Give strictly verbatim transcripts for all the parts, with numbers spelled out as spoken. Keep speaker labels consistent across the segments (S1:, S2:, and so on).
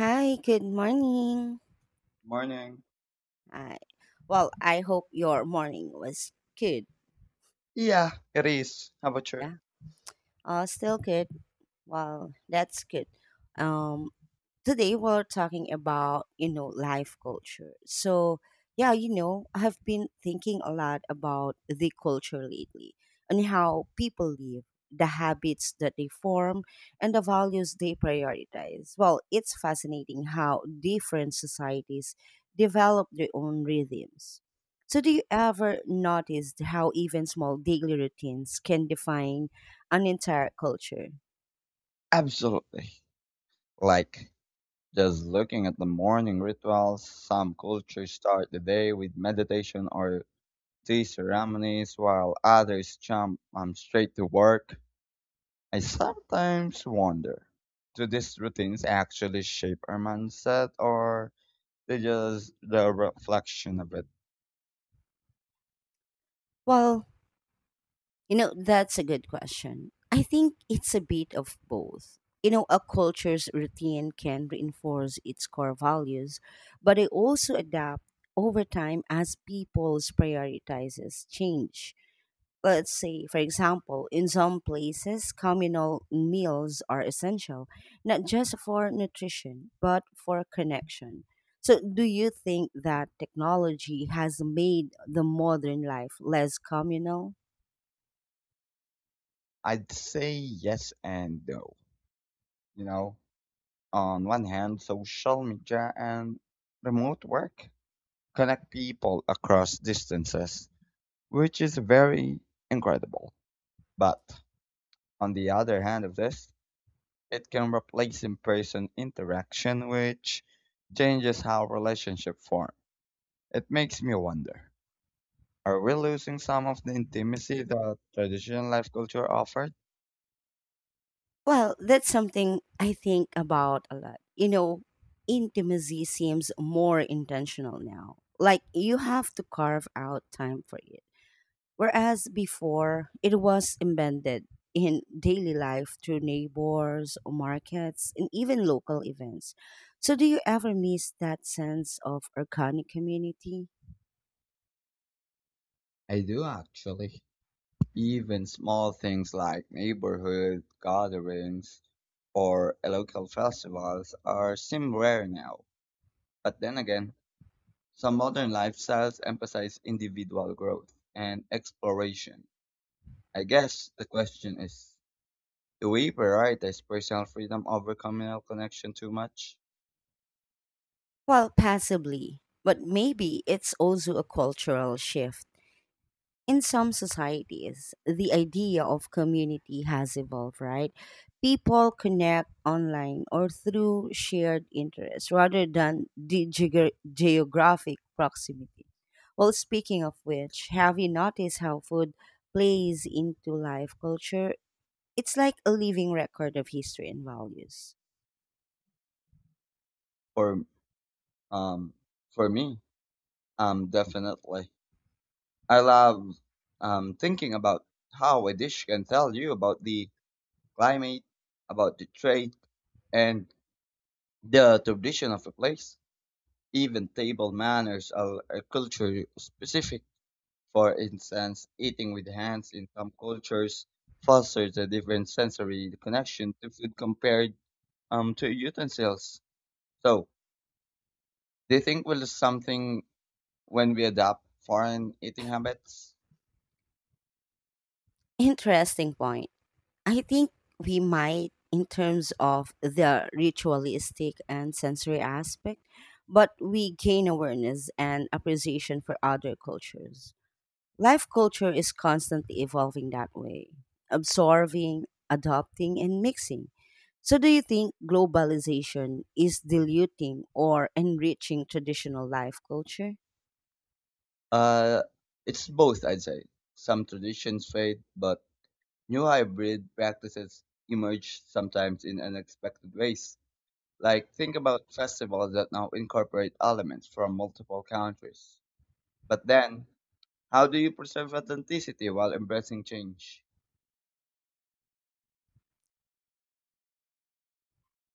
S1: Hi, good morning.
S2: Morning.
S1: Hi. Well, I hope your morning was good.
S2: Yeah, it is. How about you?
S1: Yeah. Uh, still good. Well, that's good. Um, Today we're talking about you know life culture, so yeah, you know I have been thinking a lot about the culture lately, and how people live, the habits that they form, and the values they prioritize. Well, it's fascinating how different societies develop their own rhythms. So do you ever notice how even small daily routines can define an entire culture?
S2: Absolutely. Like, just looking at the morning rituals, some cultures start the day with meditation or tea ceremonies, while others jump um, straight to work. I sometimes wonder, do these routines actually shape our mindset, or they just the reflection of it?
S1: Well, you know, that's a good question. I think it's a bit of both. You know, a culture's routine can reinforce its core values, but it also adapt over time as people's prioritizes change. Let's say, for example, in some places, communal meals are essential, not just for nutrition, but for connection. So, do you think that technology has made the modern life less communal?
S2: I'd say yes and no. You know, on one hand, social media and remote work connect people across distances, which is very incredible. But on the other hand of this, it can replace in-person interaction, which changes how relationships form. It makes me wonder, are we losing some of the intimacy that traditional life culture offered?
S1: Well, that's something I think about a lot. You know, intimacy seems more intentional now. Like you have to carve out time for it. Whereas before, it was embedded in daily life through neighbors, markets, and even local events. So, do you ever miss that sense of organic community?
S2: I do actually. Even small things like neighborhood gatherings or local festivals are seem rare now. But then again, some modern lifestyles emphasize individual growth and exploration. I guess the question is, do we prioritize personal freedom over communal connection too much?
S1: Well, passively, but maybe it's also a cultural shift. In some societies, the idea of community has evolved, right? People connect online or through shared interests rather than the geog- geographic proximity. Well, speaking of which, have you noticed how food plays into life culture? It's like a living record of history and values.
S2: For um, for me, um, definitely. I love um, thinking about how a dish can tell you about the climate, about the trade, and the tradition of a place. Even table manners are, are culture specific. For instance, eating with hands in some cultures fosters a different sensory connection to food compared um, to utensils. So, do you think will something when we adopt foreign eating habits?
S1: Interesting point. I think we might in terms of the ritualistic and sensory aspect, but we gain awareness and appreciation for other cultures. Life culture is constantly evolving that way, absorbing, adopting, and mixing. So, do you think globalization is diluting or enriching traditional life culture?
S2: Uh, it's both, I'd say. Some traditions fade, but new hybrid practices emerge sometimes in unexpected ways. Like think about festivals that now incorporate elements from multiple countries. But then, how do you preserve authenticity while embracing change?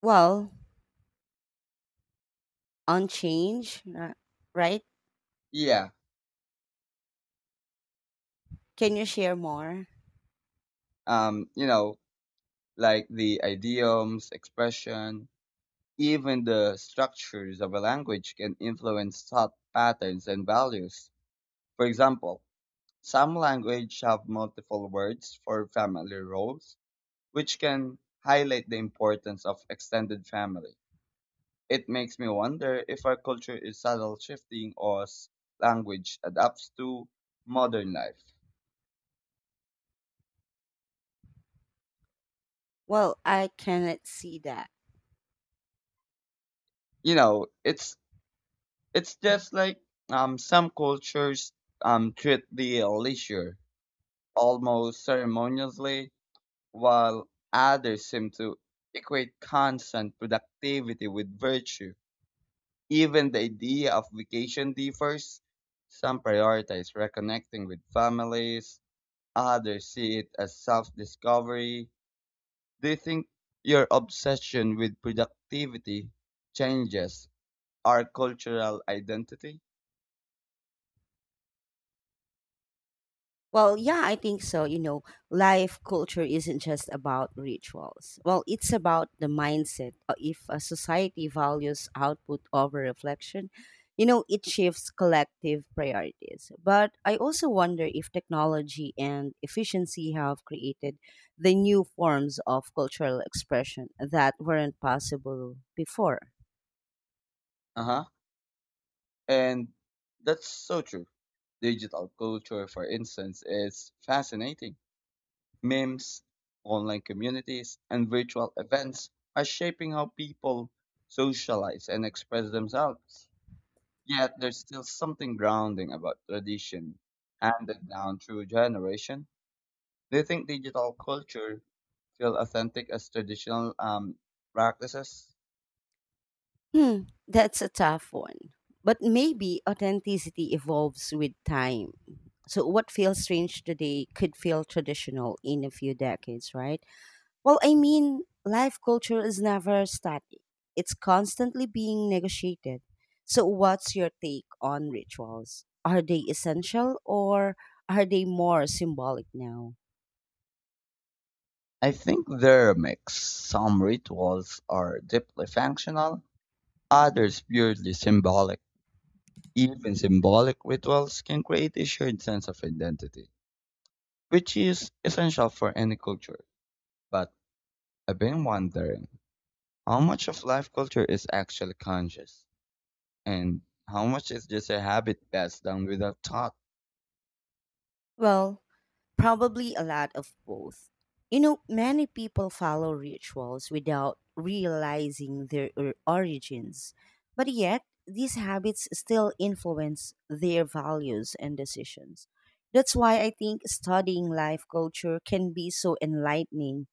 S1: Well, on change, uh, right?
S2: Yeah,
S1: Can you share more?
S2: um, you know, like the idioms, expression, even the structures of a language can influence thought patterns and values. For example, some languages have multiple words for family roles, which can highlight the importance of extended family. It makes me wonder if our culture is subtle shifting or s- language adapts to modern life.
S1: Well, I cannot see that.
S2: You know, it's It's just like um, some cultures um, treat the leisure almost ceremoniously, while others seem to equate constant productivity with virtue. Even the idea of vacation differs. Some prioritize reconnecting with families, others see it as self discovery. Do you think your obsession with productivity changes our cultural identity?
S1: Well, yeah, I think so. You know, life culture isn't just about rituals. Well, it's about the mindset. Uh, If a society values output over reflection, you know, it shifts collective priorities. But I also wonder if technology and efficiency have created the new forms of cultural expression that weren't possible before.
S2: Uh huh. And that's so true. Digital culture, for instance, is fascinating. Memes, online communities, and virtual events are shaping how people socialize and express themselves. Yet there's still something grounding about tradition handed down through generation. Do you think digital culture feel authentic as traditional um, practices?
S1: Hmm, that's a tough one. But maybe authenticity evolves with time. So, what feels strange today could feel traditional in a few decades, right? Well, I mean, life culture is never static, it's constantly being negotiated. So, what's your take on rituals? Are they essential or are they more symbolic now?
S2: I think they're a mix. Some rituals are deeply functional, others purely symbolic. Even symbolic rituals can create a shared sense of identity, which is essential for any culture. But I've been wondering, how much of life culture is actually conscious, and how much is just a habit passed down without thought.
S1: Well, probably a lot of both. You know, many people follow rituals without realizing their or- origins, but yet these habits still influence their values and decisions. That's why I think studying life culture can be so enlightening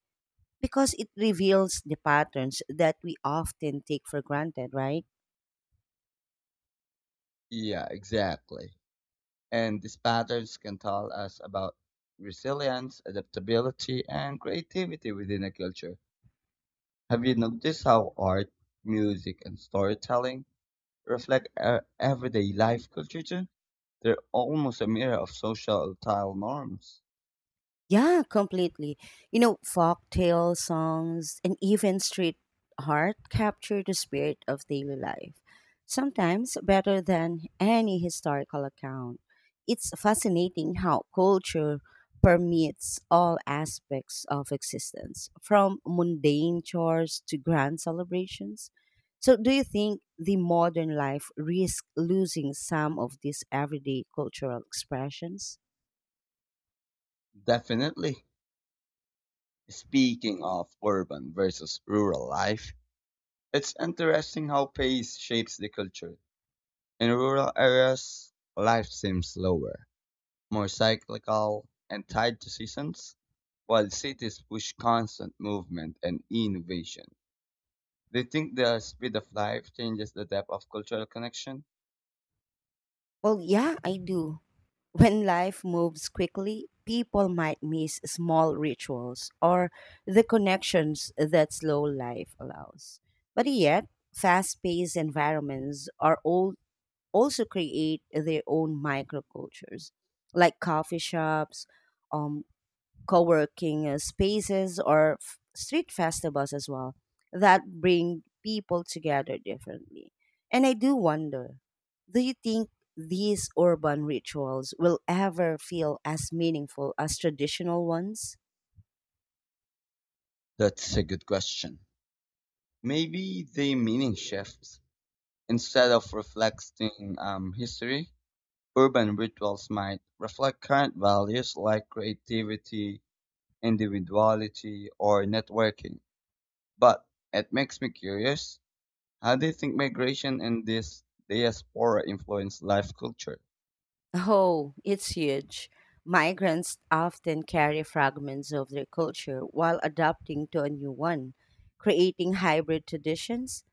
S1: because it reveals the patterns that we often take for granted, right?
S2: Yeah, exactly. And these patterns can tell us about resilience, adaptability, and creativity within a culture. Have you noticed how art, music, and storytelling reflect uh, everyday life culture too. They're almost a mirror of societal norms.
S1: Yeah, completely. You know, folk tale songs, and even street art capture the spirit of daily life, sometimes better than any historical account. It's fascinating how culture permeates all aspects of existence, from mundane chores to grand celebrations. So, do you think the modern life risks losing some of these everyday cultural expressions?
S2: Definitely. Speaking of urban versus rural life, it's interesting how pace shapes the culture. In rural areas, life seems slower, more cyclical, and tied to seasons, while cities push constant movement and innovation. Do you think the speed of life changes the depth of cultural connection?
S1: Well, yeah, I do. When life moves quickly, people might miss small rituals or the connections that slow life allows. But yet, fast paced environments are all, also create their own microcultures, like coffee shops, um, co-working uh, spaces or f- street festivals as well that bring people together differently. And I do wonder, do you think these urban rituals will ever feel as meaningful as traditional ones?
S2: That's a good question. Maybe the meaning shifts. Instead of reflecting um, history, urban rituals might reflect current values like creativity, individuality, or networking. But it makes me curious, how do you think migration and this diaspora influence life culture?
S1: Oh, it's huge. Migrants often carry fragments of their culture while adapting to a new one, creating hybrid traditions.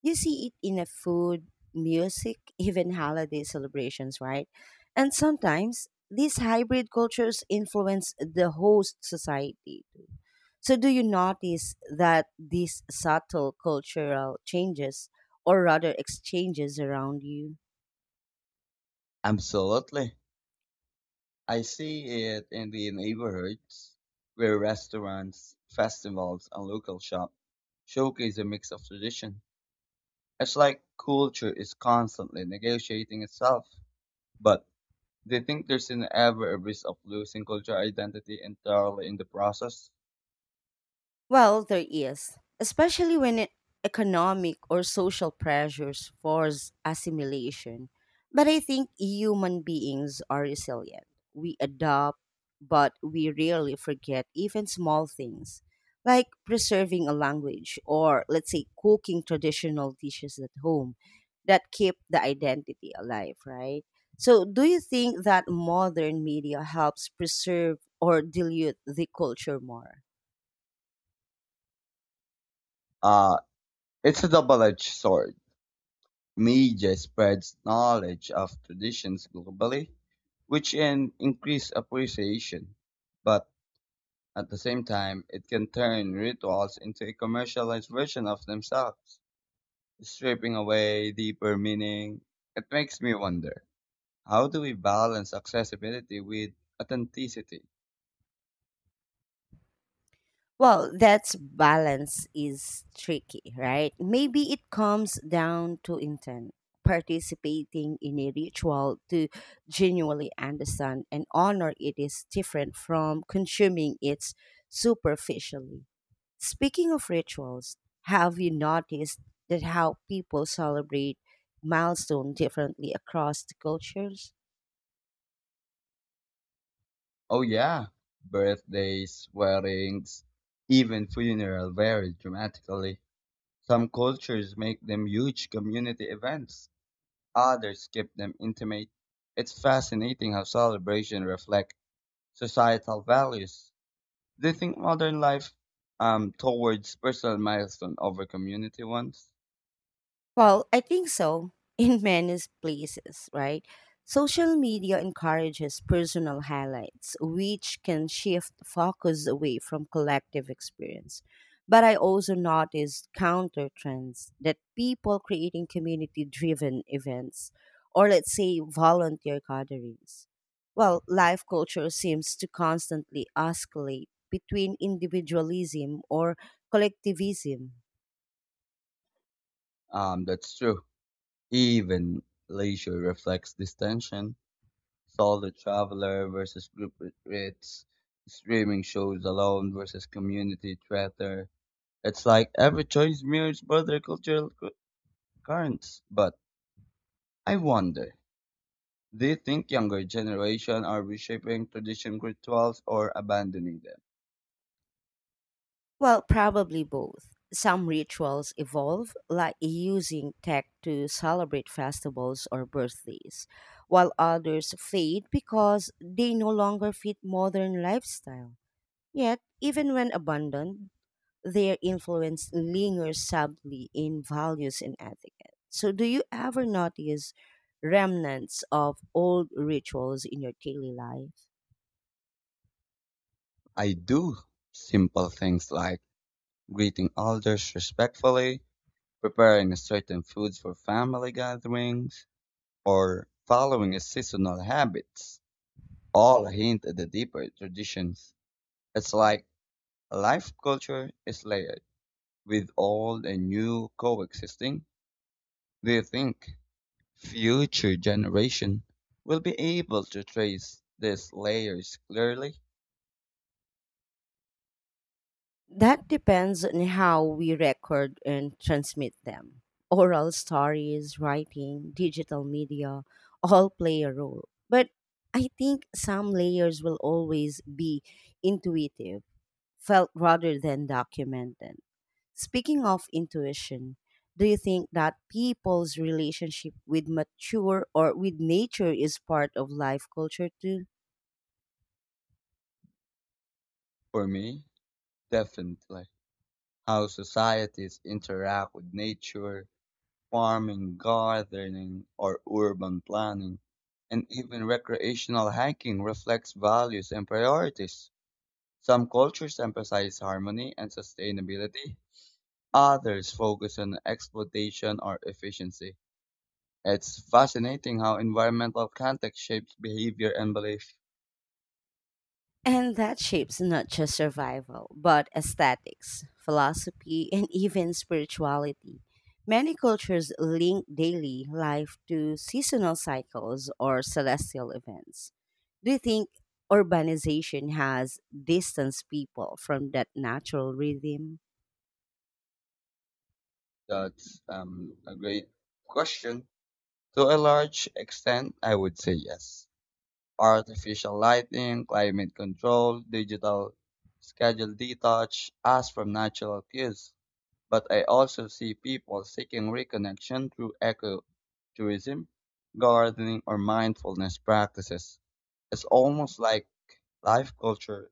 S1: You see it in a food, music, even holiday celebrations, right? And sometimes these hybrid cultures influence the host society too. So, do you notice that these subtle cultural changes, or rather exchanges around you?
S2: Absolutely. I see it in the neighborhoods where restaurants, festivals, and local shops showcase a mix of tradition. It's like culture is constantly negotiating itself. But do you think there's an ever a risk of losing cultural identity entirely in the process?
S1: Well, there is, especially when it, economic or social pressures force assimilation. But I think human beings are resilient. We adopt, but we rarely forget even small things, like preserving a language or, let's say, cooking traditional dishes at home that keep the identity alive, right? So, do you think that modern media helps preserve or dilute the culture more?
S2: Uh, it's a double-edged sword. Media spreads knowledge of traditions globally, which can increase appreciation. But at the same time, it can turn rituals into a commercialized version of themselves, stripping away deeper meaning. It makes me wonder. How do we balance accessibility with authenticity?
S1: Well, that's balance is tricky, right? Maybe it comes down to intent, participating in a ritual to genuinely understand and honor it is different from consuming it superficially. Speaking of rituals, have you noticed that how people celebrate milestone differently across the cultures?
S2: Oh yeah, birthdays, weddings, even funeral vary dramatically. Some cultures make them huge community events, others keep them intimate. It's fascinating how celebration reflect societal values. Do you think modern life um towards personal milestone over community ones?
S1: Well, I think so. In many places, right? Social media encourages personal highlights, which can shift focus away from collective experience. But I also noticed counter trends that people creating community driven events or, let's say, volunteer gatherings. Well, life culture seems to constantly oscillate between individualism or collectivism.
S2: Um that's true. Even leisure reflects this tension. Saw the Traveler versus Group Ritz, streaming shows alone versus community theater. It's like every choice mirrors broader cultural cu- currents. But I wonder, do you think younger generation are reshaping tradition rituals or abandoning them?
S1: Well, probably both. Some rituals evolve, like using tech to celebrate festivals or birthdays, while others fade because they no longer fit modern lifestyle. Yet, even when abandoned, their influence lingers subtly in values and etiquette. So, do you ever notice remnants of old rituals in your daily life?
S2: I do. Simple things like greeting elders respectfully, preparing certain foods for family gatherings, or following a seasonal habits all hint at the deeper traditions. It's like life culture is layered, with old and new coexisting. Do you think future generation will be able to trace these layers clearly?
S1: That depends on how we record and transmit them. Oral stories, writing, digital media all play a role. But I think some layers will always be intuitive, felt rather than documented. Speaking of intuition, do you think that people's relationship with mature or with nature is part of life culture too?
S2: For me, definitely. How societies interact with nature, farming, gardening, or urban planning, and even recreational hiking reflects values and priorities. Some cultures emphasize harmony and sustainability, others focus on exploitation or efficiency. It's fascinating how environmental context shapes behavior and belief.
S1: And that shapes not just survival, but aesthetics, philosophy, and even spirituality. Many cultures link daily life to seasonal cycles or celestial events. Do you think urbanization has distanced people from that natural rhythm?
S2: That's um, a great question. To a large extent, I would say yes. Artificial lighting, climate control, digital schedule detach, us from natural cues. But I also see people seeking reconnection through ecotourism, gardening, or mindfulness practices. It's almost like life culture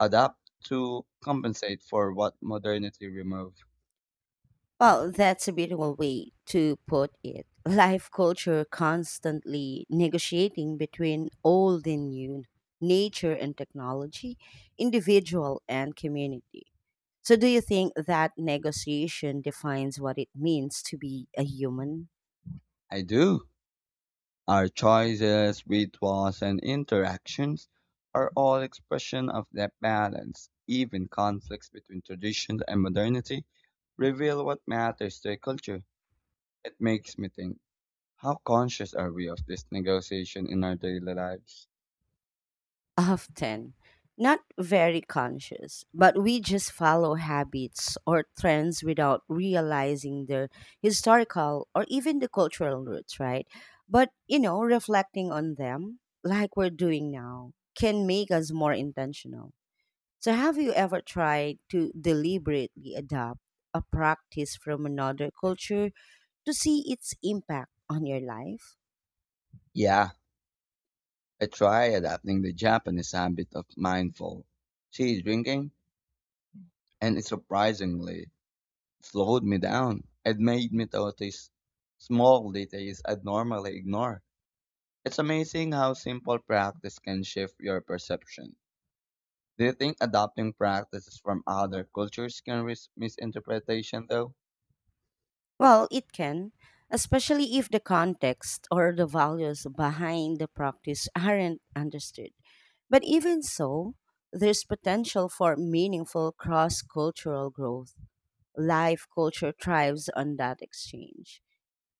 S2: adapt to compensate for what modernity removed.
S1: Well, that's a beautiful way to put it. Life culture constantly negotiating between old and new, nature and technology, individual and community. So, do you think that negotiation defines what it means to be a human?
S2: I do. Our choices, rituals, and interactions are all expression of that balance. Even conflicts between tradition and modernity reveal what matters to a culture. It makes me think. How conscious are we of this negotiation in our daily lives?
S1: Often not very conscious, but we just follow habits or trends without realizing their historical or even the cultural roots, right? But, you know, reflecting on them like we're doing now can make us more intentional. So, have you ever tried to deliberately adopt a practice from another culture to see its impact on your life?
S2: Yeah, I try adapting the Japanese habit of mindful tea drinking, and it surprisingly slowed me down. It made me notice small details I'd normally ignore. It's amazing how simple practice can shift your perception. Do you think adopting practices from other cultures can risk misinterpretation, though?
S1: Well, it can, especially if the context or the values behind the practice aren't understood. But even so, there's potential for meaningful cross cultural growth. Life culture thrives on that exchange.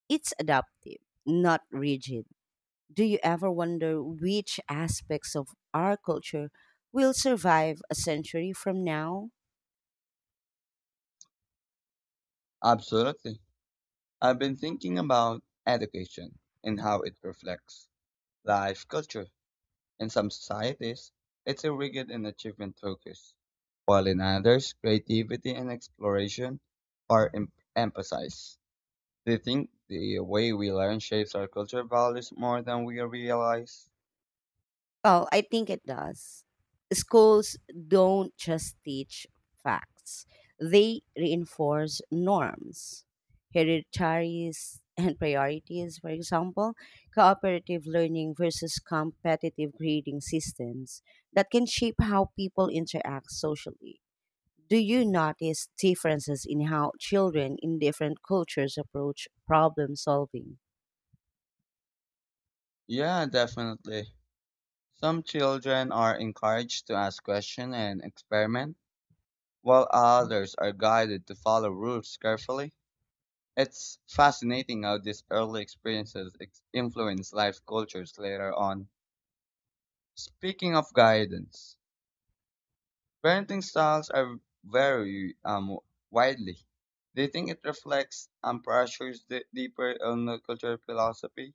S1: It's adaptive, not rigid. Do you ever wonder which aspects of our culture will survive a century from now?
S2: Absolutely. I've been thinking about education and how it reflects life culture. In some societies, it's a rigid and achievement focus, while in others, creativity and exploration are em- emphasized. Do you think the way we learn shapes our culture values more than we realize?
S1: Well, I think it does. Schools don't just teach facts, they reinforce norms, hereditaries, and priorities, for example, cooperative learning versus competitive grading systems that can shape how people interact socially. Do you notice differences in how children in different cultures approach problem solving?
S2: Yeah, definitely. Some children are encouraged to ask questions and experiment, while others are guided to follow rules carefully. It's fascinating how these early experiences ex- influence life cultures later on. Speaking of guidance, parenting styles are vary um, widely. Do you think it reflects and pressures the deeper on the cultural philosophy?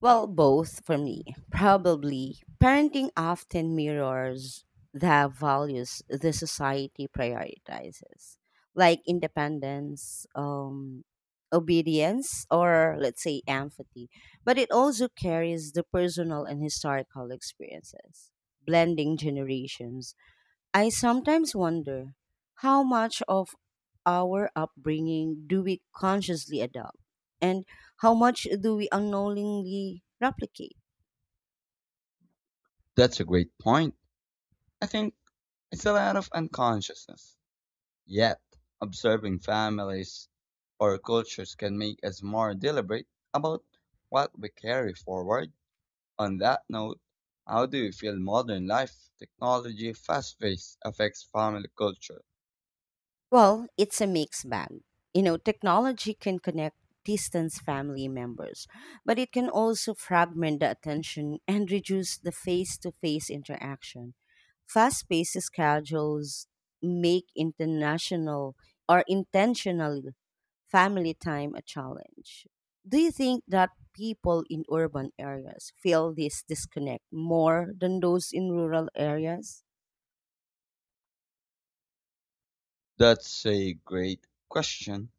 S1: Well, both for me. Probably. Parenting often mirrors the values the society prioritizes, like independence, um, obedience, or let's say empathy. But it also carries the personal and historical experiences, blending generations. I sometimes wonder how much of our upbringing do we consciously adopt and how much do we unknowingly replicate?
S2: That's a great point. I think it's a lot of unconsciousness. Yet, observing families or cultures can make us more deliberate about what we carry forward. On that note, how do you feel modern life, technology, fast pace affects family culture?
S1: Well, it's a mixed bag. You know, technology can connect distant family members, but it can also fragment the attention and reduce the face to face interaction. Fast paced schedules make international or intentional family time a challenge. Do you think that people in urban areas feel this disconnect more than those in rural areas?
S2: That's a great question.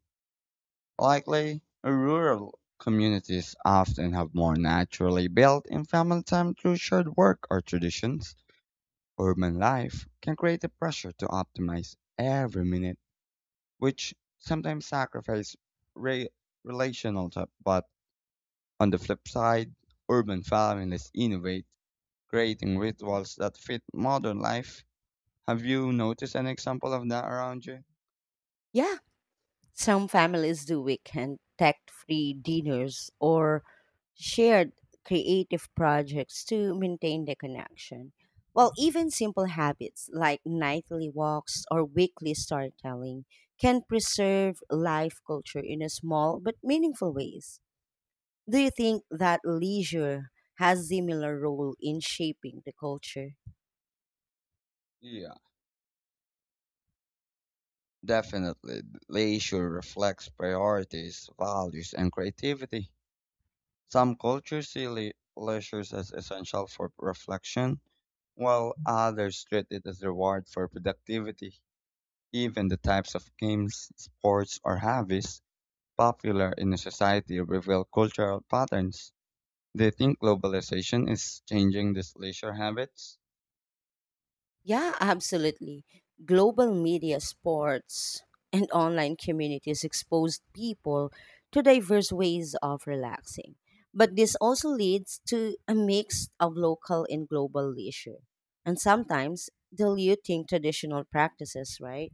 S2: Likely, rural communities often have more naturally built in family time through shared work or traditions. Urban life can create a pressure to optimize every minute, which sometimes sacrifice re- relational time. But on the flip side, urban families innovate, creating rituals that fit modern life. Have you noticed an example of that around you?
S1: Yeah, some families do weekend tech free dinners or shared creative projects to maintain the connection. Well, even simple habits like nightly walks or weekly storytelling can preserve life culture in a small but meaningful ways. Do you think that leisure has similar role in shaping the culture?
S2: Yeah. Definitely, the issue reflects priorities, values, and creativity. Some cultures see le- leisure as essential for reflection, while others treat it as reward for productivity. Even the types of games, sports, or hobbies popular in a society reveal cultural patterns. Do you think globalization is changing these leisure habits?
S1: Yeah, absolutely. Global media, sports, and online communities exposed people to diverse ways of relaxing. But this also leads to a mix of local and global leisure, and sometimes diluting traditional practices, right?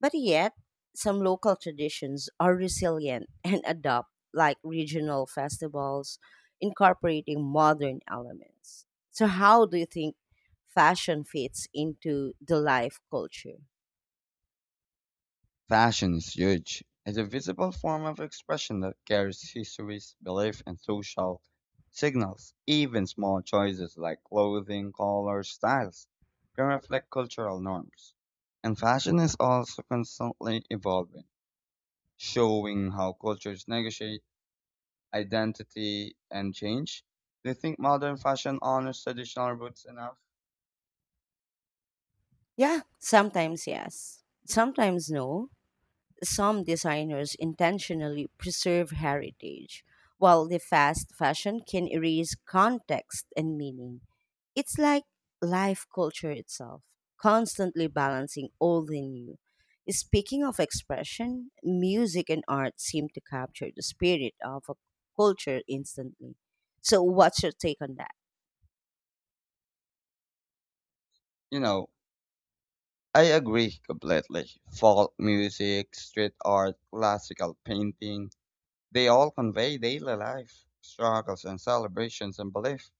S1: But yet, some local traditions are resilient and adopt, like regional festivals, incorporating modern elements. So, how do you think fashion fits into the life culture?
S2: Fashion is huge. It's a visible form of expression that carries histories, belief, and social signals. Even small choices like clothing, colors, styles can reflect cultural norms. And fashion is also constantly evolving, showing how cultures negotiate identity and change. Do you think modern fashion honors traditional roots enough?
S1: Yeah, sometimes yes, sometimes no. Some designers intentionally preserve heritage, while the fast fashion can erase context and meaning. It's like life culture itself, constantly balancing old and new. Speaking of expression, music and art seem to capture the spirit of a culture instantly. So, what's your take on that?
S2: You know, I agree completely. Folk music, street art, classical painting, they all convey daily life, struggles and celebrations and belief.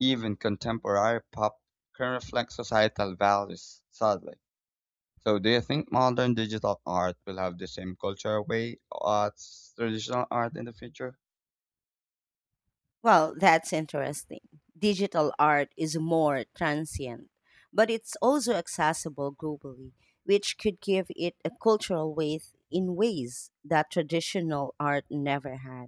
S2: Even contemporary pop can reflect societal values, sadly. So do you think modern digital art will have the same cultural way as traditional art in the future?
S1: Well, that's interesting. Digital art is more transient, but it's also accessible globally, which could give it a cultural weight in ways that traditional art never had.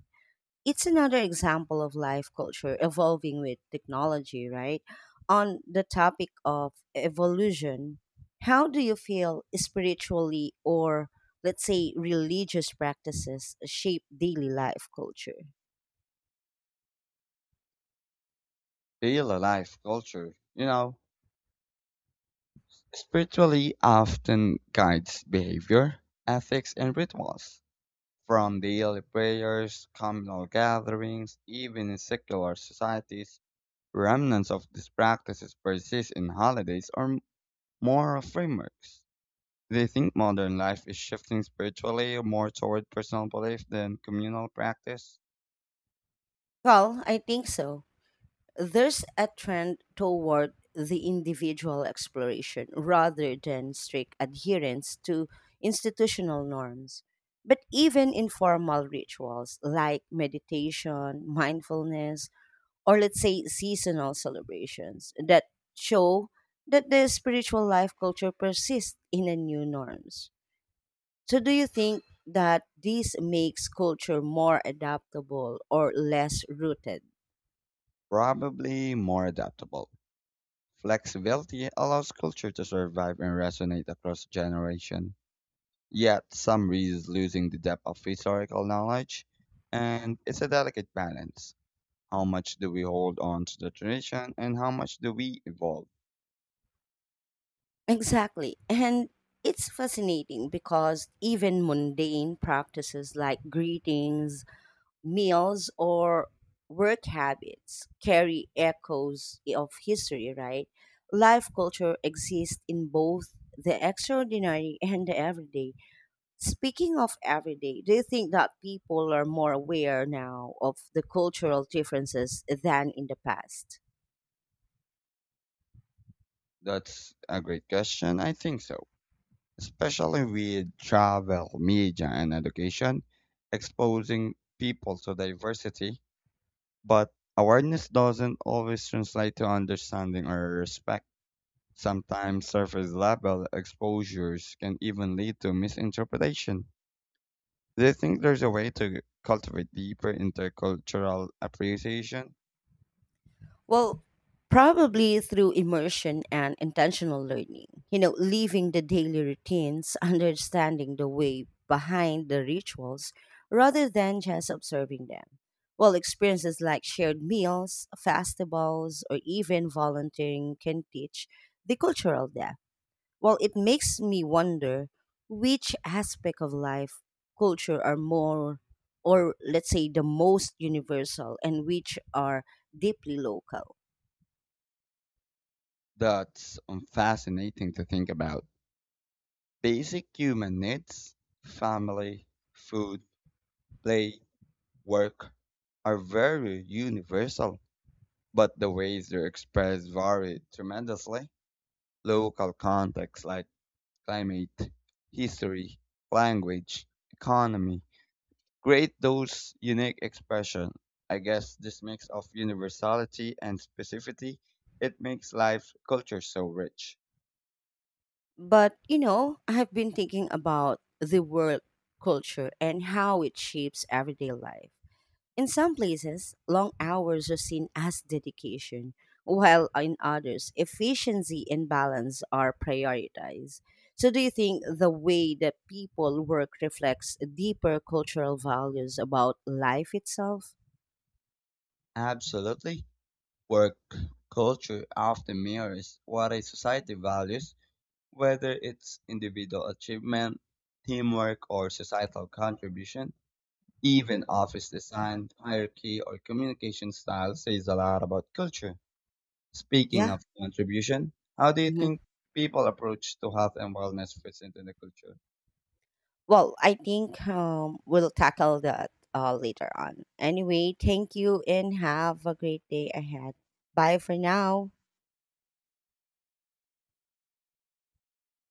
S1: It's another example of life culture evolving with technology, right? On the topic of evolution, how do you feel spiritually or, let's say, religious practices shape daily life culture?
S2: Daily life culture, you know, spiritually often guides behavior, ethics, and rituals. From daily prayers, communal gatherings, even in secular societies, remnants of these practices persist in holidays or m- moral frameworks. They think modern life is shifting spiritually more toward personal belief than communal practice?
S1: Well, I think so. There's a trend toward the individual exploration rather than strict adherence to institutional norms. But even informal rituals like meditation, mindfulness, or let's say seasonal celebrations that show that the spiritual life culture persists in the new norms. So, do you think that this makes culture more adaptable or less rooted?
S2: Probably more adaptable. Flexibility allows culture to survive and resonate across generation. Yet some reads losing the depth of historical knowledge, and it's a delicate balance. How much do we hold on to the tradition and how much do we evolve?
S1: Exactly. And it's fascinating because even mundane practices like greetings, meals, or work habits carry echoes of history, right? Life culture exists in both the extraordinary and the everyday. Speaking of everyday, do you think that people are more aware now of the cultural differences than in the past?
S2: That's a great question. I think so, especially with travel, media, and education, exposing people to diversity. But awareness doesn't always translate to understanding or respect. Sometimes surface level exposures can even lead to misinterpretation. Do you think there's a way to cultivate deeper intercultural appreciation?
S1: Well, probably through immersion and intentional learning. You know, leaving the daily routines, understanding the way behind the rituals rather than just observing them. Well, experiences like shared meals, festivals, or even volunteering can teach the cultural depth. Well, it makes me wonder which aspect of life, culture are more, or let's say the most universal, and which are deeply local.
S2: That's um, fascinating to think about. Basic human needs, family, food, play, work are very universal, but the ways they're expressed vary tremendously. Local contexts like climate, history, language, economy create those unique expressions. I guess this mix of universality and specificity, it makes life culture so rich.
S1: But, you know, I have been thinking about the work culture and how it shapes everyday life. In some places, long hours are seen as dedication, while in others, efficiency and balance are prioritized. So, do you think the way that people work reflects deeper cultural values about life itself?
S2: Absolutely. Work culture often mirrors what a society values. Whether it's individual achievement, teamwork, or societal contribution, even office design, hierarchy, or communication style says a lot about culture. Speaking
S1: Yeah.
S2: of contribution, how do you
S1: Mm-hmm.
S2: think people approach to health and wellness fits into the culture?
S1: Well, I think um, we'll tackle that uh, later on. Anyway, thank you and have a great day ahead. Bye for now.